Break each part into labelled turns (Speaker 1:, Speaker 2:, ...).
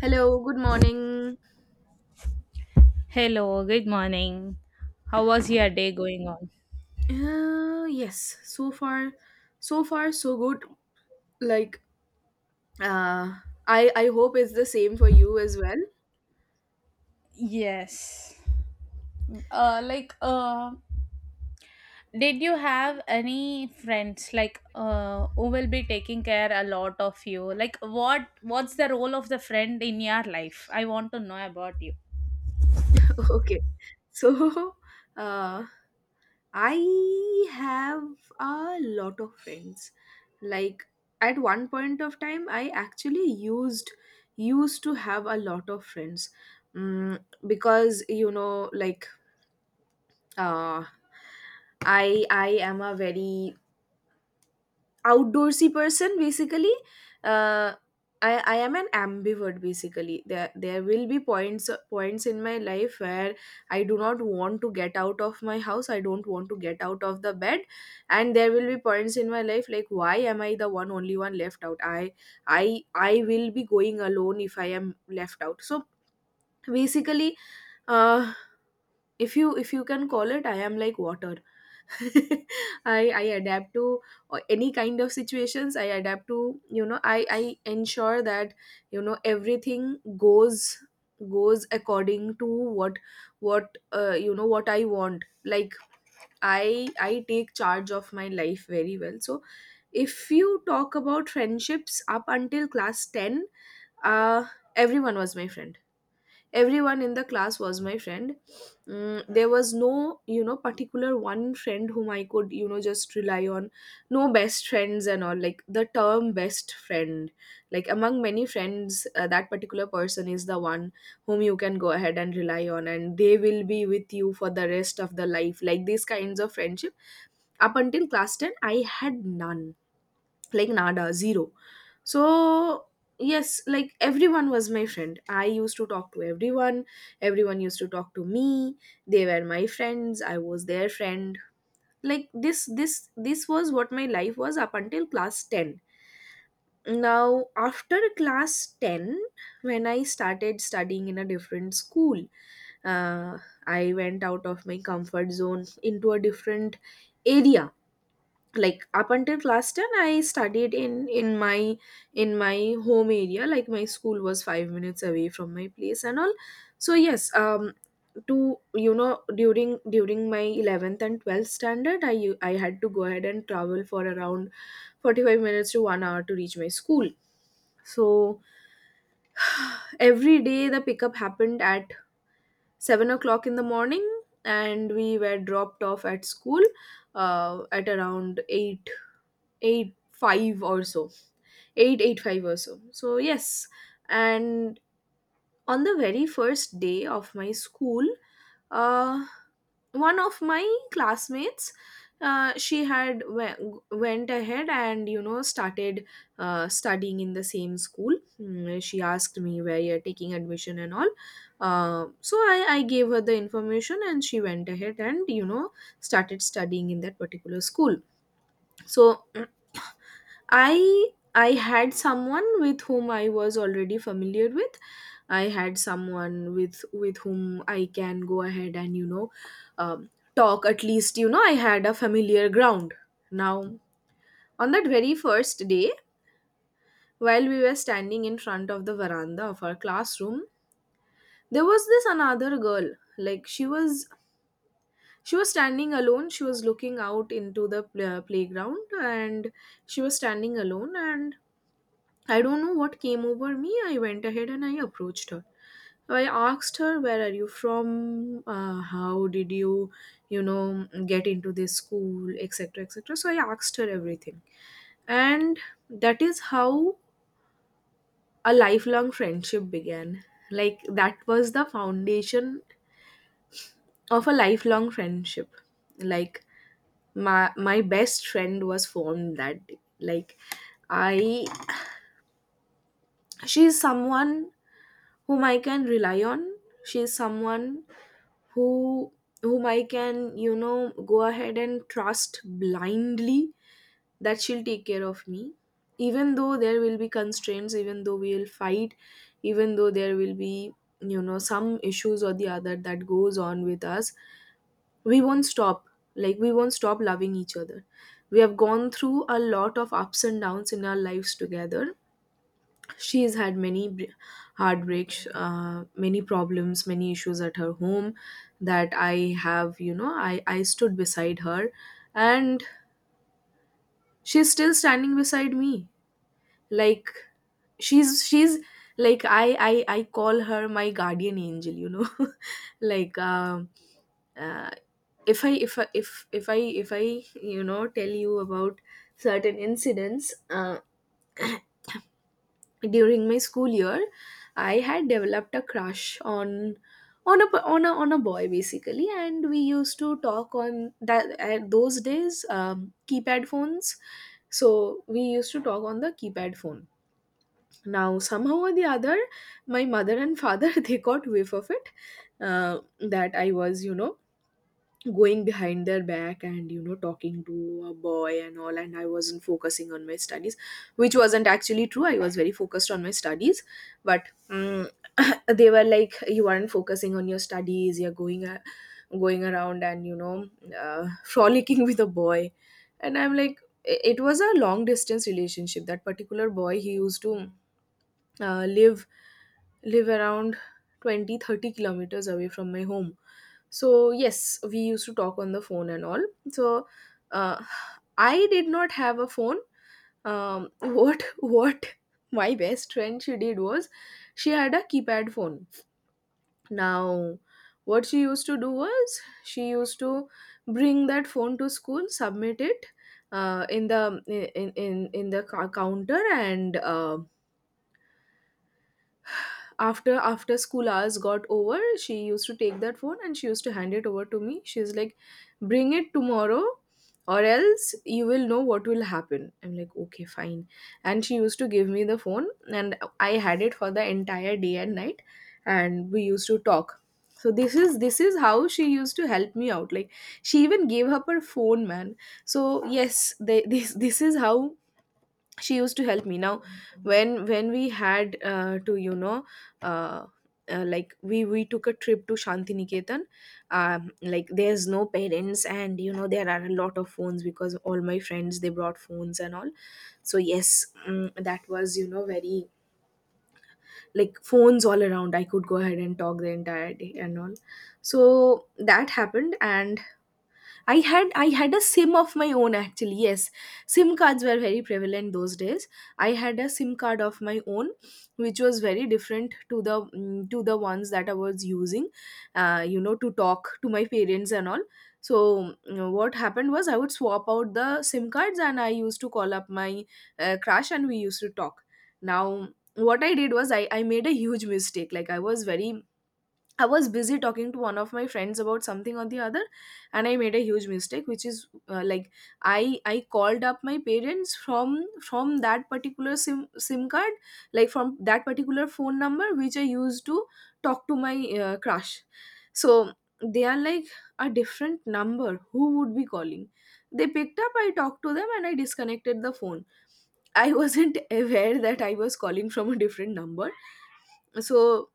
Speaker 1: Hello, good morning.
Speaker 2: Hello, good morning. How was your day going on?
Speaker 1: Yes, so far, so good. Like, uh, I hope it's the same for you as well.
Speaker 2: Yes. Like, did you have any friends who will be taking care a lot of you? Like, what's the role of the friend in your life? I want to know about you.
Speaker 1: Okay, so, uh, I have a lot of friends. Like, at one point of time, I actually used to have a lot of friends, mm, because like, uh, I am a very outdoorsy person. Basically, uh, I am an ambivert. Basically, there will be points in my life where I do not want to get out of my house. I don't want to get out of the bed. And there will be points in my life like, why am I the one only one left out? I will be going alone if I am left out. So basically, uh if you can call it, I am like water. I adapt to any kind of situations. I adapt to, I ensure that, everything goes goes according to what what you know what I want. Like, I take charge of my life very well. So if you talk about friendships up until class 10, uh, everyone was my friend. Everyone in the class was my friend. There was no, particular one friend whom I could, just rely on. No best friends and all, like the term best friend, like among many friends, that particular person is the one whom you can go ahead and rely on, and they will be with you for the rest of the life. Like these kinds of friendship, up until class 10 I had none, like nada, zero. So yes, like everyone was my friend. I used to talk to everyone. Everyone used to talk to me. They were my friends, I was their friend. Like this was what my life was up until class 10. Now after class 10, when I started studying in a different school, uh, I went out of my comfort zone into a different area. Like up until class 10, I studied in my home area. Like my school was 5 minutes away from my place and all. So yes, to you know during my 11th and 12th standard, I had to go ahead and travel for around 45 minutes to 1 hour to reach my school. So every day the pickup happened at 7 o'clock in the morning, and we were dropped off at school, at around 8 5 or so, 885 or So yes. And on the very first day of my school, uh one of my classmates, she went ahead and, started, studying in the same school. She asked me, where you're taking admission and all. So I gave her the information, and she went ahead and, started studying in that particular school. So I had someone with whom I was already familiar with. I had someone with whom I can go ahead and, um, talk. At least, I had a familiar ground. Now on that very first day, while we were standing in front of the veranda of our classroom, there was this another girl. Like she was standing alone. She was looking out into the playground, and she was standing alone, and I don't know what came over me. I went ahead and I approached her. I asked her, where are you from? How did you, get into this school, etc., etc. So I asked her everything. And that is how a lifelong friendship began. Like, that was the foundation of a lifelong friendship. Like my best friend was formed that day. Like, I, she's someone whom I can rely on. She's someone who whom I can, go ahead and trust blindly, that she'll take care of me. Even though there will be constraints, even though we'll fight, even though there will be, some issues or the other that goes on with us, we won't stop. Like we won't stop loving each other. We have gone through a lot of ups and downs in our lives together. She has had many heartbreaks, many problems, many issues at her home that I have, you know, I stood beside her, and she's still standing beside me. Like she's like I call her my guardian angel, Like, uh, if I tell you about certain incidents, during my school year, I had developed a crush on a boy basically. And we used to talk on that at those days, keypad phones. So we used to talk on the keypad phone. Now, somehow or the other, my mother and father they got whiff of it, that I was, going behind their back and, talking to a boy and all, and I wasn't focusing on my studies, which wasn't actually true. I was very focused on my studies, but mm they were like, you aren't focusing on your studies, you're going around, and frolicking with a boy. And I'm like, it was a long distance relationship. That particular boy, he used to, uh, live live around 20, 30 kilometers away from my home. So yes, we used to talk on the phone and all. So uh, I did not have a phone. What my best friend she did was, she had a keypad phone. Now what she used to do was, she used to bring that phone to school, submit it, in the counter. And after school hours got over, she used to take that phone and she used to hand it over to me. She's like, bring it tomorrow or else you will know what will happen. I'm like, okay, fine. And she used to give me the phone, and I had it for the entire day and night, and we used to talk. So this is how she used to help me out. Like, she even gave up her phone, man. So yes, this is how she used to help me. Now, when we had, to uh, like, we took a trip to Shantiniketan. Like, there's no parents, and, there are a lot of phones, because all my friends they brought phones and all. So yes, that was, very, like, phones all around. I could go ahead and talk the entire day and all. So that happened. And I had a sim of my own, actually. Yes, sim cards were very prevalent those days. I had a sim card of my own, which was very different to the, to the ones that I was using, to talk to my parents and all. So what happened was, I would swap out the sim cards, and I used to call up my, crush, and we used to talk. Now what I did was, I made a huge mistake. Like, I was busy talking to one of my friends about something or the other, and I made a huge mistake, which is, like, I called up my parents from that particular sim card, like from that particular phone number which I used to talk to my, crush. So they are like, a different number, who would be calling? They picked up, I talked to them, and I disconnected the phone. I wasn't aware that I was calling from a different number, so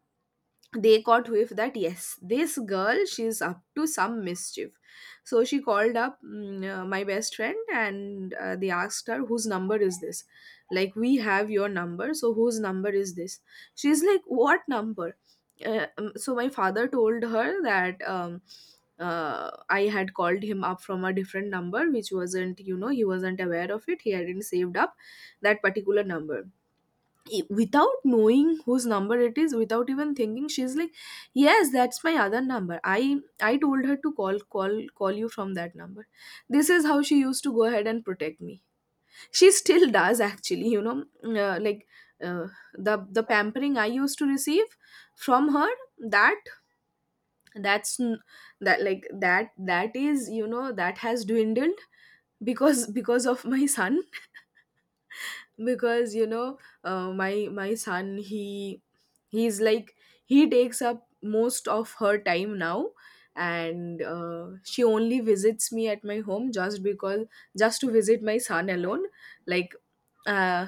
Speaker 1: they caught whiff that, yes, this girl, she's up to some mischief. So she called up my best friend, and they asked her, whose number is this? Like, we have your number, so whose number is this? She's like, what number? So my father told her that I had called him up from a different number which wasn't, you know, he wasn't aware of it, he hadn't saved up that particular number. Without knowing whose number it is, without even thinking, she's like, yes, that's my other number, I told her to call you from that number. This is how she used to go ahead and protect me. She still does, actually, you know. Uh, the pampering I used to receive from her, that that's n- that like that that is, you know, that has dwindled because of my son. Because, you know, my son, he's like, he takes up most of her time now. And she only visits me at my home just because, just to visit my son alone. like uh,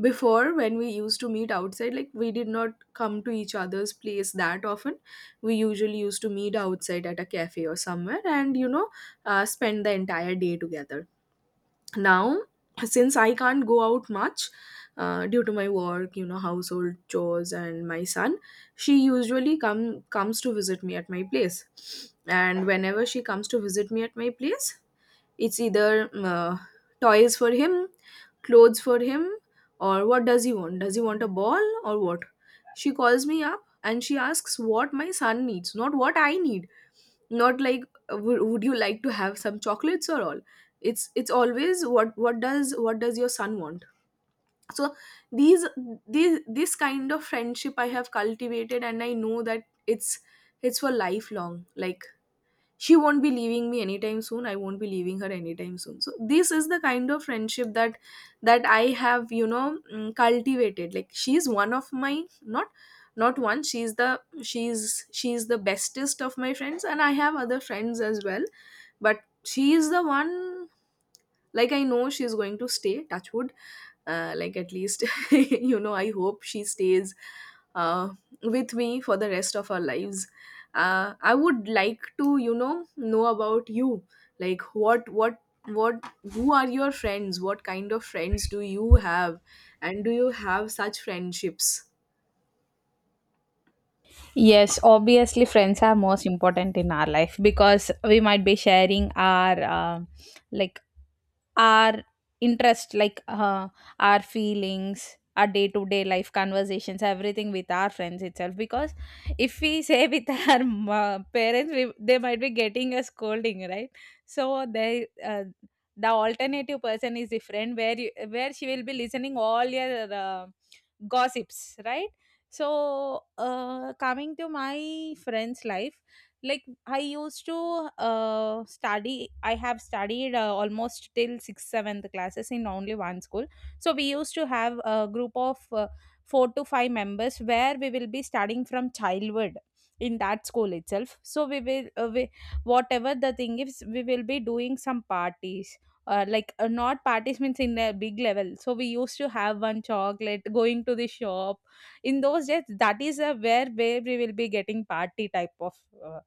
Speaker 1: Before, when we used to meet outside, like, we did not come to each other's place that often. We usually used to meet outside at a cafe or somewhere, and you know, spend the entire day together. Now, since I can't go out much, due to my work, you know, household chores and my son, she usually comes to visit me at my place. And whenever she comes to visit me at my place, it's either toys for him, clothes for him, or what does he want, does he want a ball or what. She calls me up and she asks what my son needs, not what I need. Not like, would you like to have some chocolates or all. It's always what, what does your son want. So these these, this kind of friendship I have cultivated, and I know that it's for lifelong. Like, she won't be leaving me anytime soon, I won't be leaving her anytime soon, so this is the kind of friendship that I have, you know, cultivated. Like, she's one of my, not not one, she's the bestest of my friends. And I have other friends as well, but she is the one. Like, I know she's going to stay, touchwood. Like, at least you know, I hope she stays uh, with me for the rest of our lives. I would like to, you know about you. Like, what, who are your friends, what kind of friends do you have, and do you have such friendships?
Speaker 2: Yes, obviously, friends are most important in our life because we might be sharing our like our interest, like, our feelings, our day to day life conversations, everything with our friends itself. Because if we say with our parents, they might be getting a scolding, right? So they. Uh, the alternative person is different where where she will be listening all your gossips, right? So, coming to my friend's life, like I used to study, I have studied almost till sixth, seventh classes in only one school. So, we used to have a group of four to five members where we will be studying from childhood in that school itself. So, whatever the thing is, we will be doing some parties. Like, not parties means in a big level, so we used to have one chocolate going to the shop in those days, that is a where we will be getting party type of uh,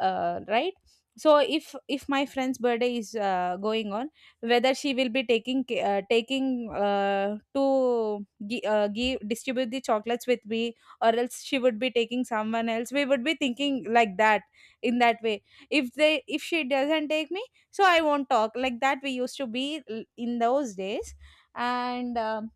Speaker 2: right. So if my friend's birthday is going on, whether she will be taking taking, give, distribute the chocolates with me, or else she would be taking someone else, we would be thinking like that. In that way, if she doesn't take me, so I won't talk like that, we used to be in those days. And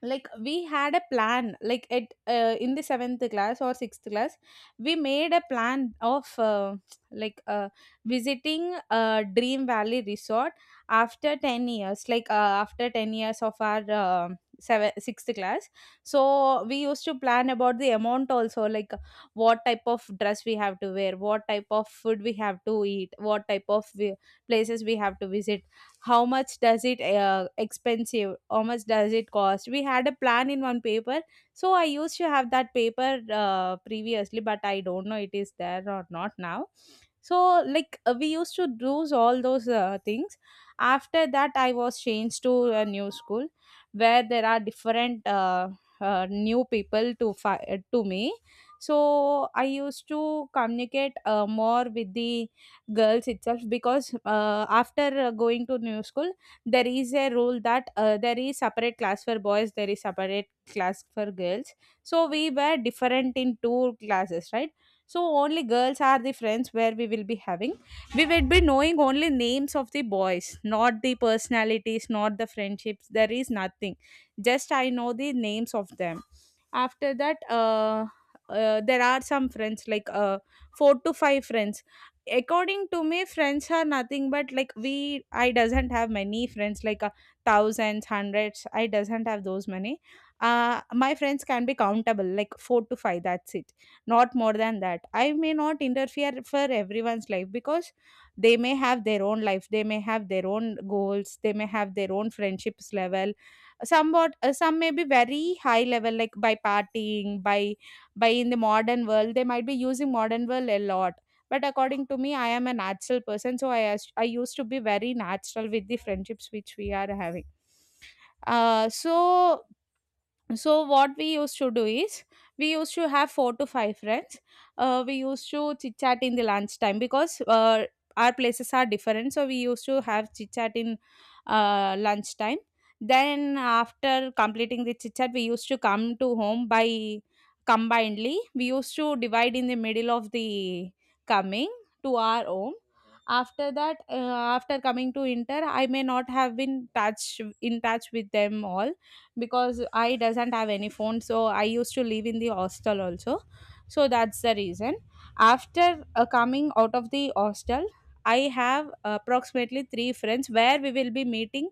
Speaker 2: like we had a plan, like at in the 7th class or 6th class, we made a plan of, like, visiting dream valley resort after 10 years, like, after 10 years of our 7 sixth class. So we used to plan about the amount also, like what type of dress we have to wear, what type of food we have to eat, what type of places we have to visit, how much does it expensive, how much does it cost. We had a plan in one paper, so I used to have that paper previously, but I don't know it is there or not now. So, like, we used to do all those things. After that, I was changed to a new school where there are different new people to to me. So I used to communicate more with the girls itself, because after going to new school there is a rule that there is separate class for boys, there is separate class for girls. So we were different in two classes, right? So only girls are the friends where we will be having, we will be knowing only names of the boys, not the personalities, not the friendships, there is nothing, just I know the names of them. After that there are some friends like four to five friends. According to me, friends are nothing but like we I doesn't have many friends, like, thousands, hundreds, I doesn't have those many. My friends can be countable, like four to five, that's it, not more than that. I may not interfere for everyone's life because they may have their own life, they may have their own goals, they may have their own friendships level. Somewhat, some may be very high level, like by partying, by in the modern world they might be using modern world a lot. But according to me, I am a natural person, so I used to be very natural with the friendships which we are having. So, so what we used to do is, we used to have four to five friends. We used to chit chat in the lunch time, because our places are different, so we used to have chit chat in lunch time. Then after completing the chit chat, we used to come to home by, combinedly we used to divide in the middle of the coming to our home. After that, after coming to inter, I may not have been touch in touch with them all, because I doesn't have any phone. So I used to live in the hostel also. So that's the reason. After coming out of the hostel, I have approximately three friends where we will be meeting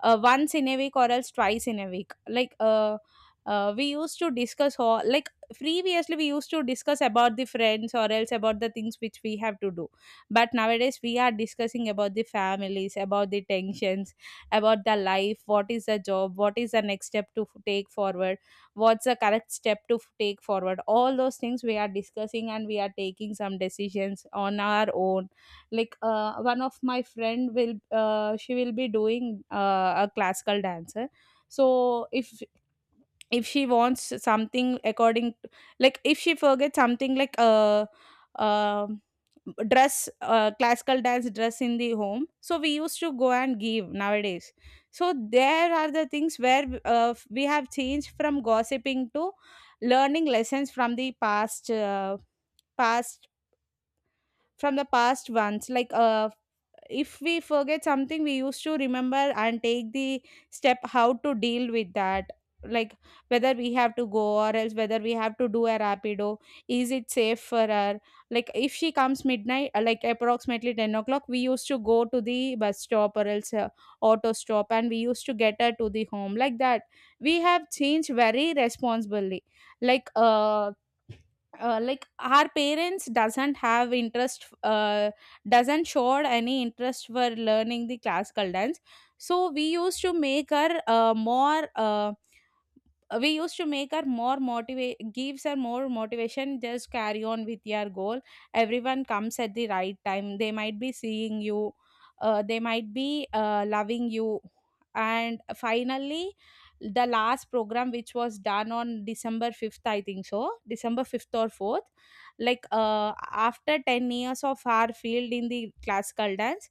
Speaker 2: once in a week or else twice in a week, like, we used to discuss all, like previously we used to discuss about the friends or else about the things which we have to do, but nowadays we are discussing about the families, about the tensions, about the life, what is the job, what is the next step to take forward, what's the correct step to take forward. All those things we are discussing and we are taking some decisions on our own. Like, one of my friend will, she will be doing a classical dancer. So if she wants something according to, like if she forgets something like um dress, classical dance dress in the home, so we used to go and give nowadays. So there are the things where, we have changed from gossiping to learning lessons from the past, past from the past ones, like, if we forget something we used to remember and take the step how to deal with that. Like whether we have to go or else whether we have to do a rapido, is it safe for her? Like if she comes midnight, like approximately 10 o'clock, we used to go to the bus stop or else auto stop, and we used to get her to the home like that. We have changed very responsibly. Like, like our parents doesn't have interest, doesn't showed any interest for learning the classical dance. So we used to make her more we used to make our more motivate, gives her more motivation, just carry on with your goal. Everyone comes at the right time, they might be seeing you, they might be loving you. And finally, the last program which was done on December 5th, I think so, December 5th or 4th, like, after 10 years of our field in the classical dance,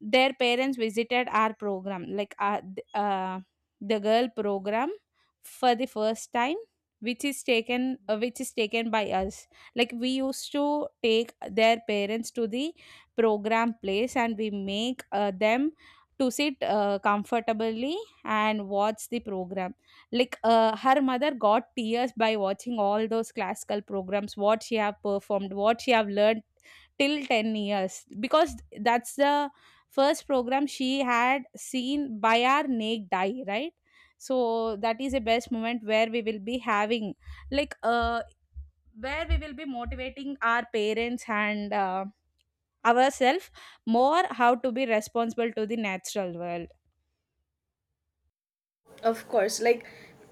Speaker 2: their parents visited our program, like, the girl program, for the first time, which is taken, which is taken by us. Like we used to take their parents to the program place and we make them to sit comfortably and watch the program. Like, her mother got tears by watching all those classical programs, what she have performed, what she have learned till 10 years, because that's the first program she had seen by our naked eye, right? So that is the best moment where we will be having. Like, where we will be motivating our parents and ourselves more, how to be responsible to the natural world.
Speaker 1: Of course. Like,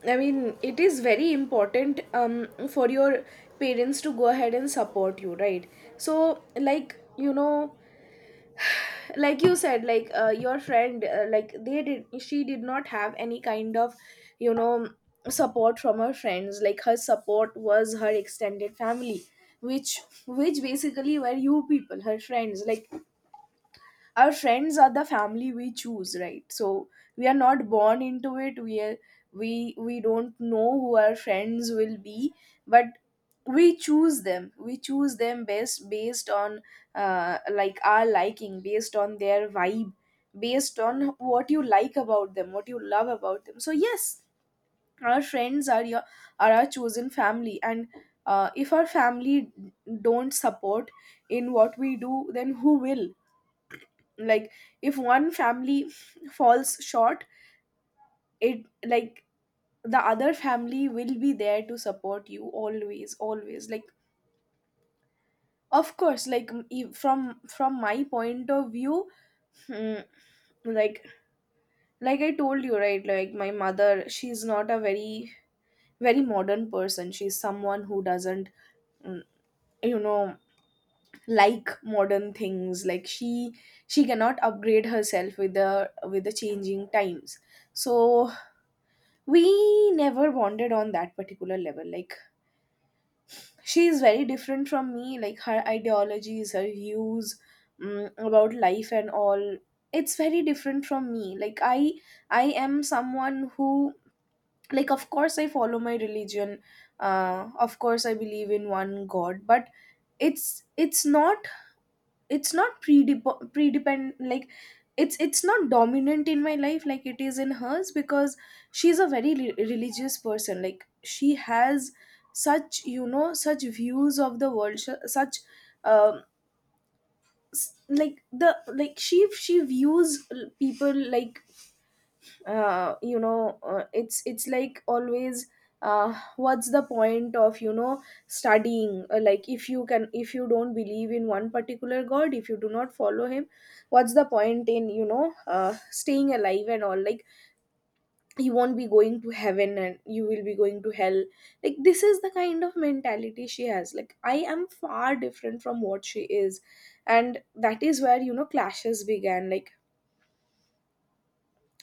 Speaker 1: I mean, it is very important for your parents to go ahead and support you, right? So, like, you know, like you said, like, your friend, like, they did she did not have any kind of, you know, support from her friends. Like, her support was her extended family, which which basically were you people, her friends. Like, our friends are the family we choose, right? So, we are not born into it, we don't know who our friends will be, but we choose them, we choose them best based on, like, our liking, based on their vibe, based on what you like about them, what you love about them. So yes, our friends are your are our chosen family. And if our family don't support in what we do, then who will? Like, if one family falls short, it like the other family will be there to support you, always, always. Like, of course, like, from my point of view. hmm, like, I told you, right, like, my mother, she's not a very, very modern person. She's someone who doesn't, mm, you know, like modern things. Like, she cannot upgrade herself with the changing times. So we never bonded on that particular level. Like, she is very different from me, like, her ideologies, her views about life and all. It's very different from me. Like, I am someone who, like, of course, I follow my religion. Of course I believe in one god, but it's not, it's not pre depend like, it's not dominant in my life like it is in hers, because she's a very religious person. Like, she has such, you know, such views of the world, such, um s- like the like she views people like, you know, it's like, always, what's the point of, you know, studying. Like, if you don't believe in one particular god, if you do not follow him, what's the point in, you know, staying alive and all. Like, you won't be going to heaven and you will be going to hell. Like, this is the kind of mentality she has. Like, I am far different from what she is, and that is where, you know, clashes began. Like,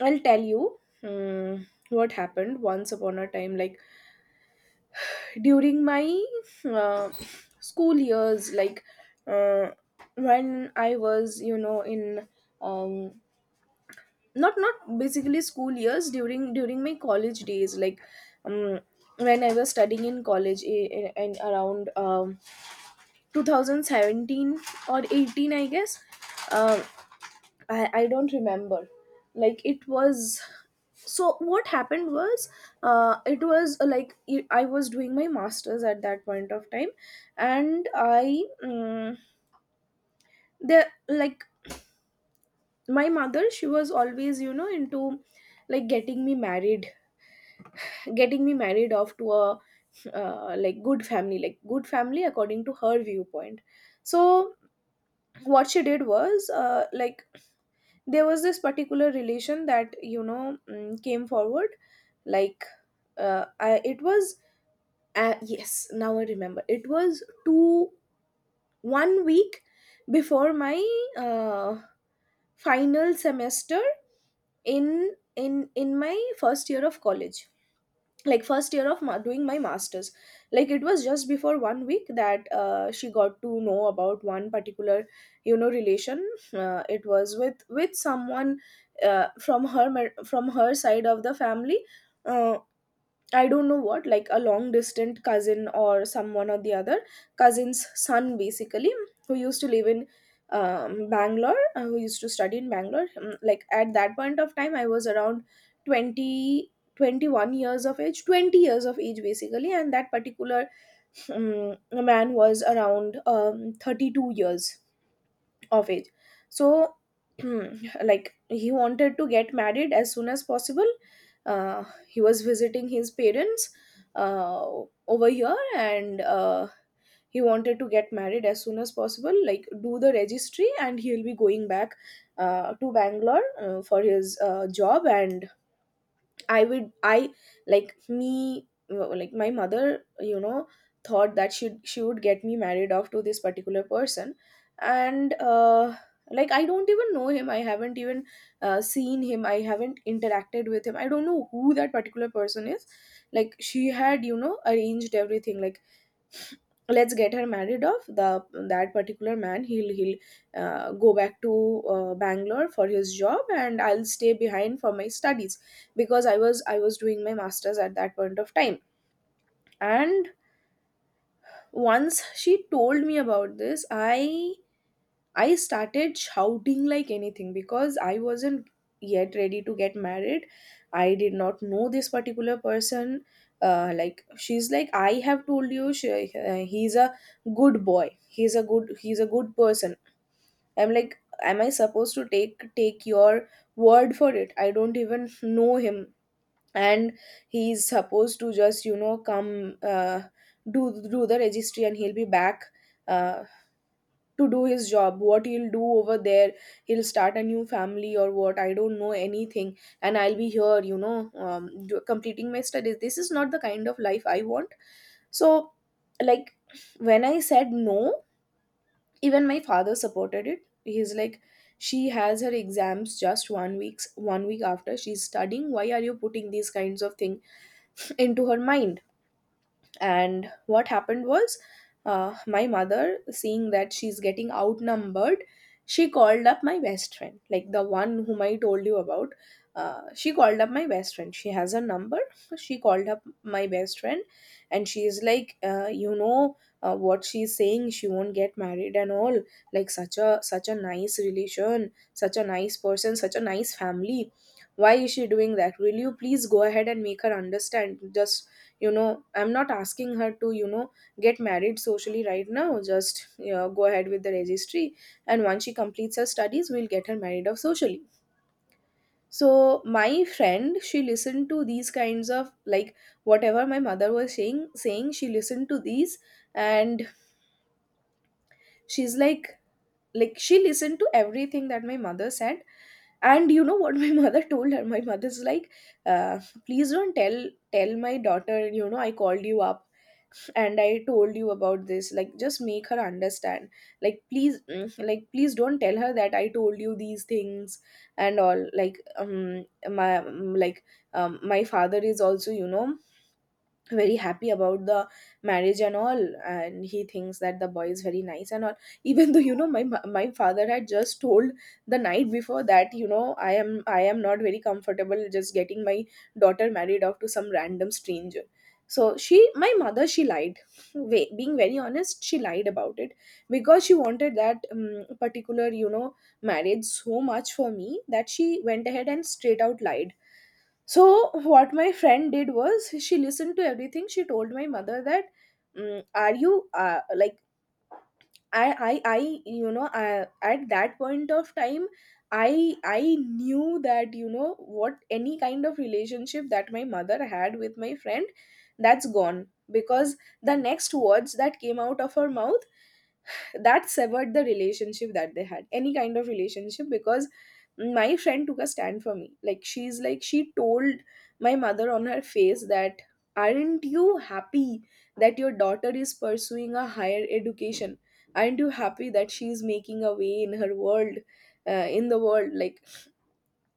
Speaker 1: I'll tell you what happened once upon a time. Like, during my uh, school years, like, uh, when I was, you know, in um, not, not basically school years, during my college days, like, um, when I was studying in college in around 2017 or 18, I guess. Um, I don't remember. Like it was. So what happened was, it was, I was doing my masters at that point of time, and I, the like my mother, she was always, you know, into, like, getting me married off to a, like, good family, like good family according to her viewpoint. So what she did was, like, there was this particular relation that, you know, came forward. Like, it was, yes, now I remember, it was two one week before my uh, final semester, in my first year of college, like first year of doing my masters. Like, it was just before one week that, she got to know about one particular, you know, relation. It was with someone, from her side of the family. uh, I don't know what, like, a long distant cousin or someone or the other, cousin's son, basically, who used to live in Bangalore, who used to study in Bangalore. Like, at that point of time, I was around 20, 21 years of age, 20 years of age, basically, and that particular man was around 32 years of age. So, like, he wanted to get married as soon as possible. He was visiting his parents uh, over here, and he wanted to get married as soon as possible, like, do the registry and he'll be going back to Bangalore for his job. And I would I like me like my mother, you know, thought that she would get me married off to this particular person. And like, I don't even know him, I haven't even, seen him, I haven't interacted with him, I don't know who that particular person is. Like, she had, you know, arranged everything. Like, let's get her married off, the that particular man, he'll go back to Bangalore for his job, and I'll stay behind for my studies, because I was doing my masters at that point of time. And once she told me about this, I started shouting like anything because I wasn't yet ready to get married. I did not know this particular person. Like, she's like, I have told you, he's a good boy. He's a good person. I'm like, am I supposed to take your word for it? I don't even know him, and he's supposed to just, you know, come, do do the registry, and he'll be back. Uh, to do his job what he'll do over there, he'll start a new family or what, I don't know anything. And I'll be here, you know, completing my studies. This is not the kind of life I want. So, like, when I said no, even my father supported it. He's like, she has her exams just one week after, she's studying, why are you putting these kinds of thing into her mind. And what happened was, my mother, seeing that she's getting outnumbered, she called up my best friend, like, the one whom I told you about. She called up my best friend. She has a number. She called up my best friend, and she's like, you know, what she's saying, she won't get married and all. Like such a nice relation, such a nice person, such a nice family, why is she doing that? Will you please go ahead and make her understand? Just you know I'm not asking her to get married socially right now. Just go ahead with the registry, and once she completes her studies we'll get her married off socially. So my friend, she listened to these kinds of, like, whatever my mother was saying, she listened to these. And she's like she listened to everything that my mother said. And you know what my mother told her? My mother's like, uh, please don't tell my daughter you know I called you up and I told you about this, like just make her understand. Like, please, like, please don't tell her that I told you these things and all. Like my like, my father is also, you know, very happy about the marriage and all, and he thinks that the boy is very nice and all, even though you know my father had just told the night before that, you know, I am not very comfortable just getting my daughter married off to some random stranger. So she, my mother, she lied. Being very honest, she lied about it because she wanted that, particular, you know, marriage so much for me that she went ahead and straight out lied. So what my friend did was, she listened to everything. She told my mother that, "Are you like I I, at that point of time." I knew that, you know what, any kind of relationship that my mother had with my friend, that's gone, because the next words that came out of her mouth, that severed the relationship that they had, any kind of relationship, because my friend took a stand for me. Like, she's like, she told my mother on her face that, aren't you happy that your daughter is pursuing a higher education? Aren't you happy that she's making a way in her world, in the world? Like,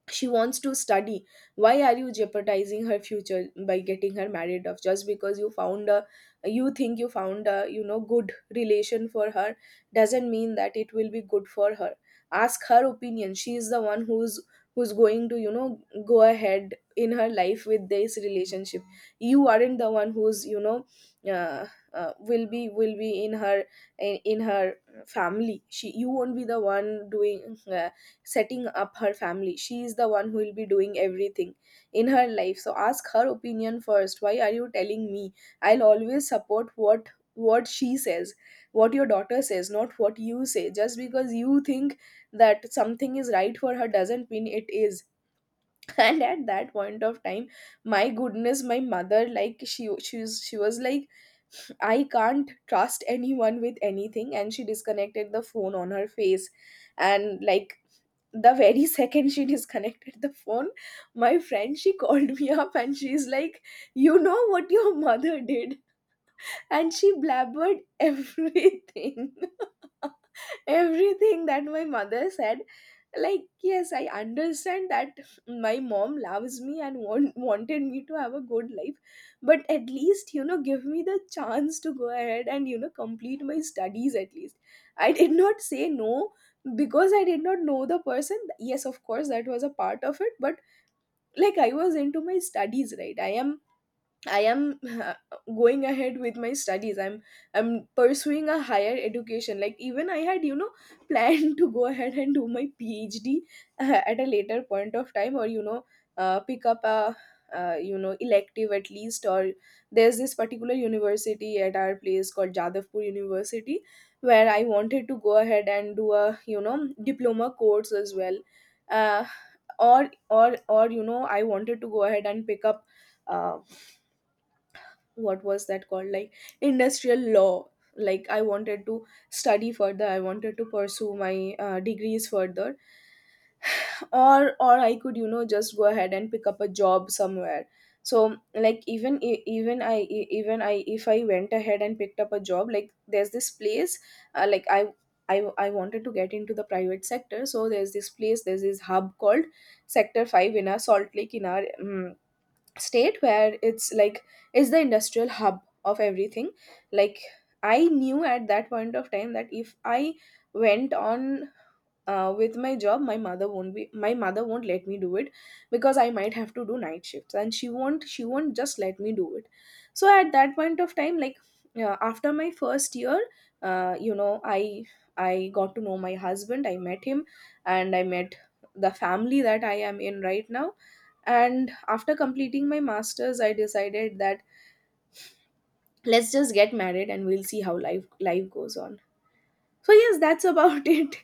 Speaker 1: she wants to study. Why are you jeopardizing her future by getting her married off just because you found a you think you found a, you know, good relation for her? Doesn't mean that it will be good for her. Ask her opinion. She is the one who's, who's going to, you know, go ahead in her life with this relationship. You aren't the one who's, you know, uh, will be in her, in her family. She, you won't be the one doing, setting up her family. She is the one who will be doing everything in her life. So ask her opinion first. Why are you telling me? I'll always support what she says, what your daughter says, not what you say. Just because you think that something is right for her doesn't mean it is. And at that point of time, my goodness, my mother, like, she she was like, I can't trust anyone with anything. And she disconnected the phone on her face. And, like, the very second she disconnected the phone, my friend, she called me up and she's like, you know what your mother did? And she blabbered everything. Everything that my mother said. Like, yes, I understand that my mom loves me and wanted me to have a good life, but at least, you know, give me the chance to go ahead and, you know, complete my studies at least. I did not say no because I did not know the person. Yes, of course, that was a part of it, but, like, I was into my studies, right? I am going ahead with my studies. I'm pursuing a higher education. Like, even I had, you know, planned to go ahead and do my PhD at a later point of time, or, you know, pick up a, you know, elective at least. Or there's this particular university at our place called Jadavpur University, where I wanted to go ahead and do a, you know, diploma course as well. Uh, or, you know, I wanted to go ahead and pick up. Uh, what was that called? Like, industrial law. Like, I wanted to study further. I wanted to pursue my degrees further. Or I could, you know, just go ahead and pick up a job somewhere. So, like, even I- even I even I, if I went ahead and picked up a job, like, there's this place, like I wanted to get into the private sector. So there's this place, there's this hub called Sector 5 in our Salt Lake, in our state, where it's like, is the industrial hub of everything. Like, I knew at that point of time that if I went on with my job, my mother won't let me do it, because I might have to do night shifts and she won't just let me do it. So at that point of time, like, after my first year, you know, I got to know my husband. I met him, and I met the family that I am in right now. And after completing my masters, I decided that let's just get married and we'll see how life life goes on. So yes, that's about it.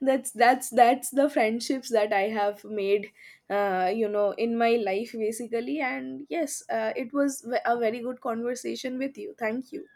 Speaker 1: That's that's the friendships that I have made, you know, in my life basically. And yes, it was a very good conversation with you. Thank you.